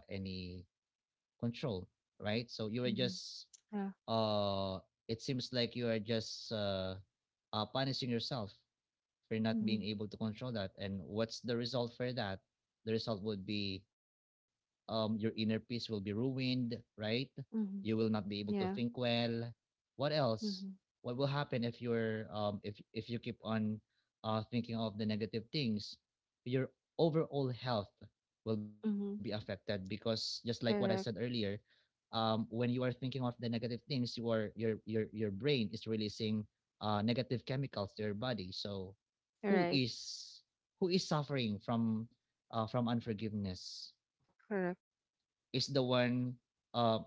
control. Right? So you are just mm-hmm, yeah, uh, it seems like you are just, punishing yourself for not mm-hmm, being able to control that. And what's the result for that? The result would be, your inner peace will be ruined. Right? You will mm-hmm, not be able to think yeah, well. What else? mm-hmm, What will happen if you're if you keep on, thinking of the negative things? Your overall health will be mm-hmm, affected, because just like what I said earlier, correct, when you are thinking of the negative things, you are, your brain is releasing, negative chemicals to your body. So who right, is who is suffering from unforgiveness? correct, Is the one uh,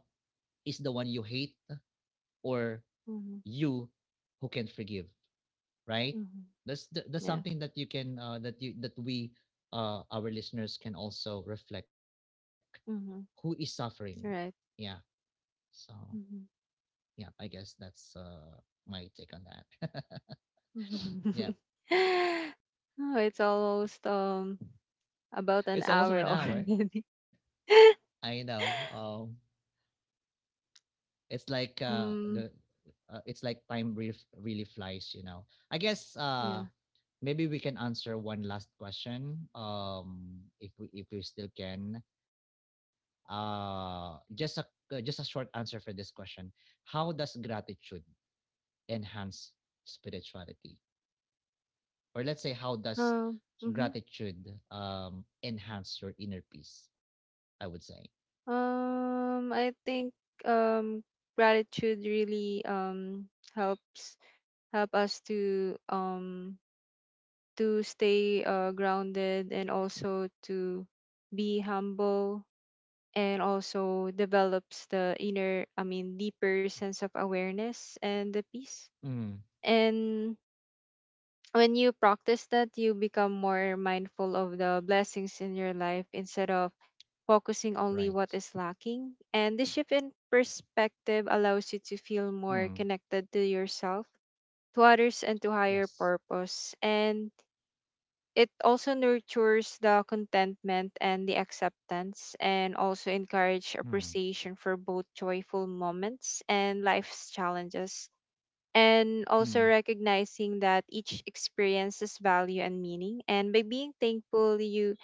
is the one you hate, or mm-hmm, you who can forgive? Right? mm-hmm, That's yeah, something that you can that you that we our listeners can also reflect. Who is mm-hmm, suffering? Yeah. right. So, Mm-hmm. yeah, I guess that's, my take on that. Yeah, Oh, it's almost about an it's almost hour 1 hour. already. I know. It's like uh the Um, it's like time really really flies. You know. I guess, yeah. maybe we can answer one last question. If we still can. Uh, just a just a short answer for this question. How does gratitude enhance spirituality? Or let's say, how does Mhm. gratitude, enhance your inner peace, I would say. I think um gratitude really helps help us to stay grounded and also to be humble, and also develops the inner, I mean, deeper sense of awareness and the peace. Mm. And when you practice that, you become more mindful of the blessings in your life instead of Right. focusing only what is lacking. And this shift in perspective allows you to feel more Mm. connected to yourself, to others, and to higher Yes. purpose. And it also nurtures the contentment and the acceptance, and also Mm. encourage appreciation for both joyful moments and life's challenges, and also Mm. recognizing that each experience has value and meaning. And by being thankful you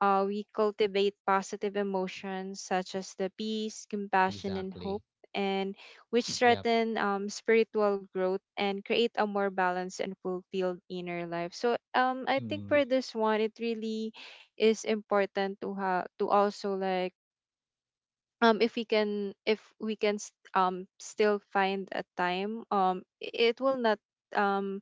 we cultivate positive emotions such as the peace, Exactly. compassion, and hope, and which Yep. threaten spiritual growth and create a more balanced and fulfilled inner life. So I think Mm. for this one it really is important to have, to also like if we can still find a time, it will not um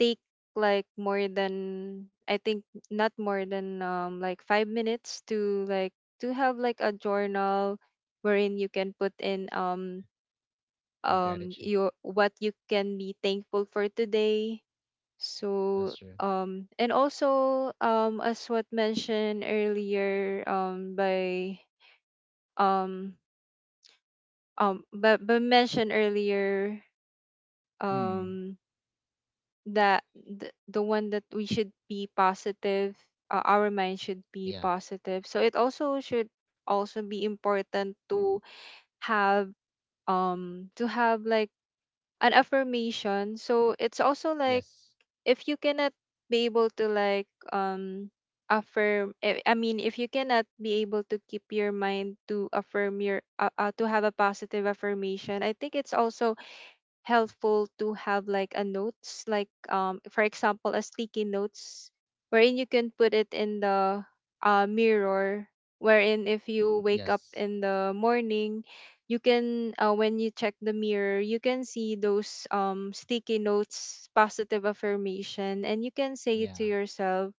take like more than I think not more than like 5 minutes to like to have like a journal wherein you can put in Your gratitude. your what you can be thankful for today. So That's true. And also as what mentioned earlier by um but mentioned earlier Mm. um that the one that we should be positive, our mind should be Yeah, positive, so it also should also be important have to have like an affirmation. So it's also like, yes, if you cannot be able to like um affirm, I mean if you cannot be able to keep your mind to affirm your to have a positive affirmation, I think it's also helpful to have like a notes, like for example a sticky notes wherein you can put it in the mirror, wherein if you yes, wake up in the morning you can when you check the mirror you can see those sticky notes positive affirmation and you can say it to yeah, yourself.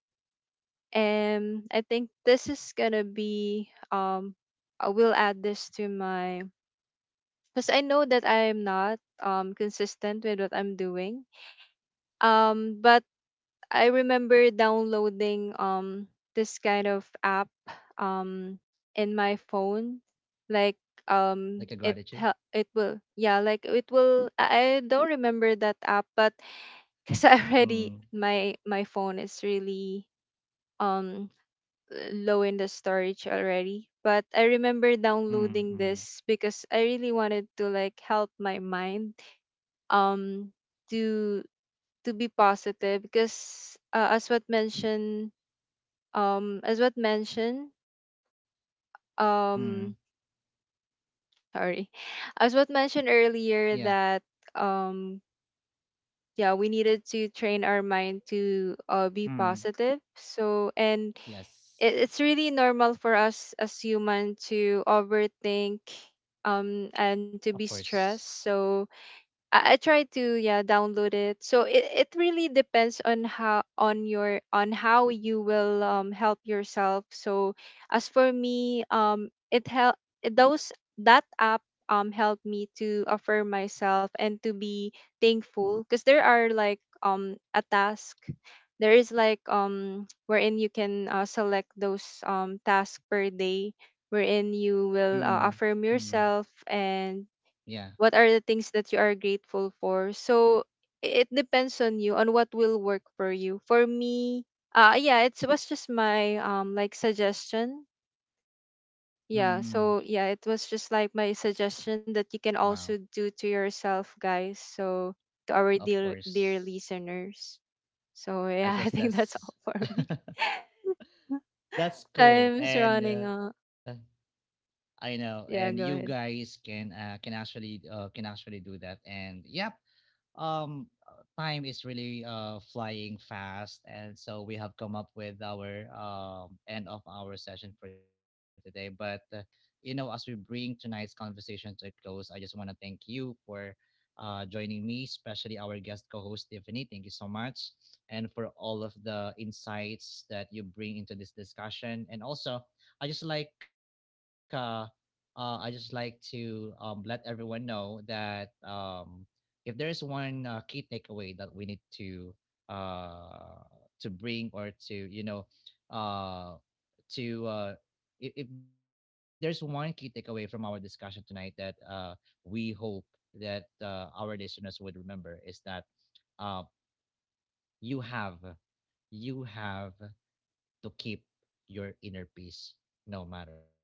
And I think this is gonna be I will add this to my, because I know that I'm not consistent with what I'm doing. But I remember downloading this kind of app um in my phone, like like a gratitude. It it will yeah like it will I don't remember that app, but because I already Mm. my my phone is really um low in the storage already. But I remember Mm, mm, downloading this because I really wanted to like help my mind um to to be positive because as what mentioned mm. um sorry as what mentioned Yeah. earlier that um yeah we needed to train our mind to be Mm, positive. So and it, yes. it's really normal for us as human to overthink Of and to be course. stressed, so I try to yeah download it. So it really depends on how on your on how you will help yourself. So as for me, it help those, that app helped me to affirm myself and to be thankful, because there are like a task, there is like wherein you can select those tasks per day wherein you Mm, will mm. affirm yourself and Yeah. what are the things that you are grateful for. So I- it depends on you on what will work for you. For me, yeah it's, it was just my like suggestion. Mm. Yeah, so yeah it was just like my suggestion that you can Wow. also do to yourself, guys. So to our Of dear dear course. listeners, so I yeah I guess think that's all that's. for me. That's cool. Time's And, running out. I know, and you Yeah, go guys ahead. Can actually do that. And yep, time is really, flying fast, and so we have come up with our, end of our session for today. But as we bring tonight's conversation to a close, I just want to thank you for, joining me, especially our guest co-host, Tiffany. Thank you so much, and for all of the insights that you bring into this discussion. And also, i just like uh I just like to, let everyone know that, if there is one, key takeaway that we need to, uh, to bring or to, uh, to, if there's one key takeaway from our discussion tonight that, we hope that, our listeners would remember, is that, uh, you have you have to keep your inner peace no matter what.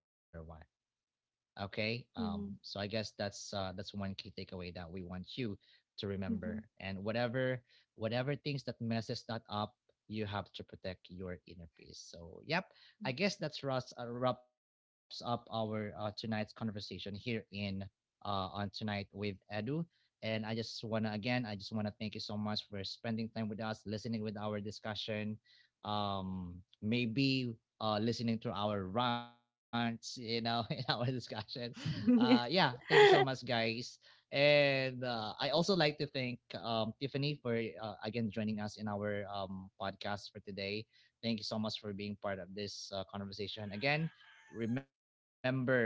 Okay. So I guess Mm-hmm. That's one key takeaway that we want you to remember. Mm-hmm. And whatever things that messes that up, you have to protect your inner peace. So, yep, I guess that's wraps wraps up our, tonight's conversation here, in on tonight with Edu. And I just wanna again, I just wanna thank you so much for spending time with us, listening with our discussion. Maybe, listening to our rants, you know, in our discussion. Yeah, Mm-hmm. thank you so much, guys. And, I also like to thank, Tiffany for, again joining us in our, podcast for today. Thank you so much for being part of this, conversation. Again, remember,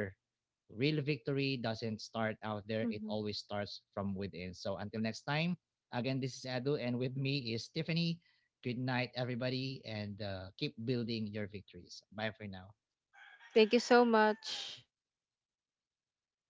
real victory doesn't start out there, it always starts from within. So until next time, again, this is Adu, and with me is Tiffany. Good night, everybody, and, keep building your victories. Bye for now. Thank you so much. Bye bye.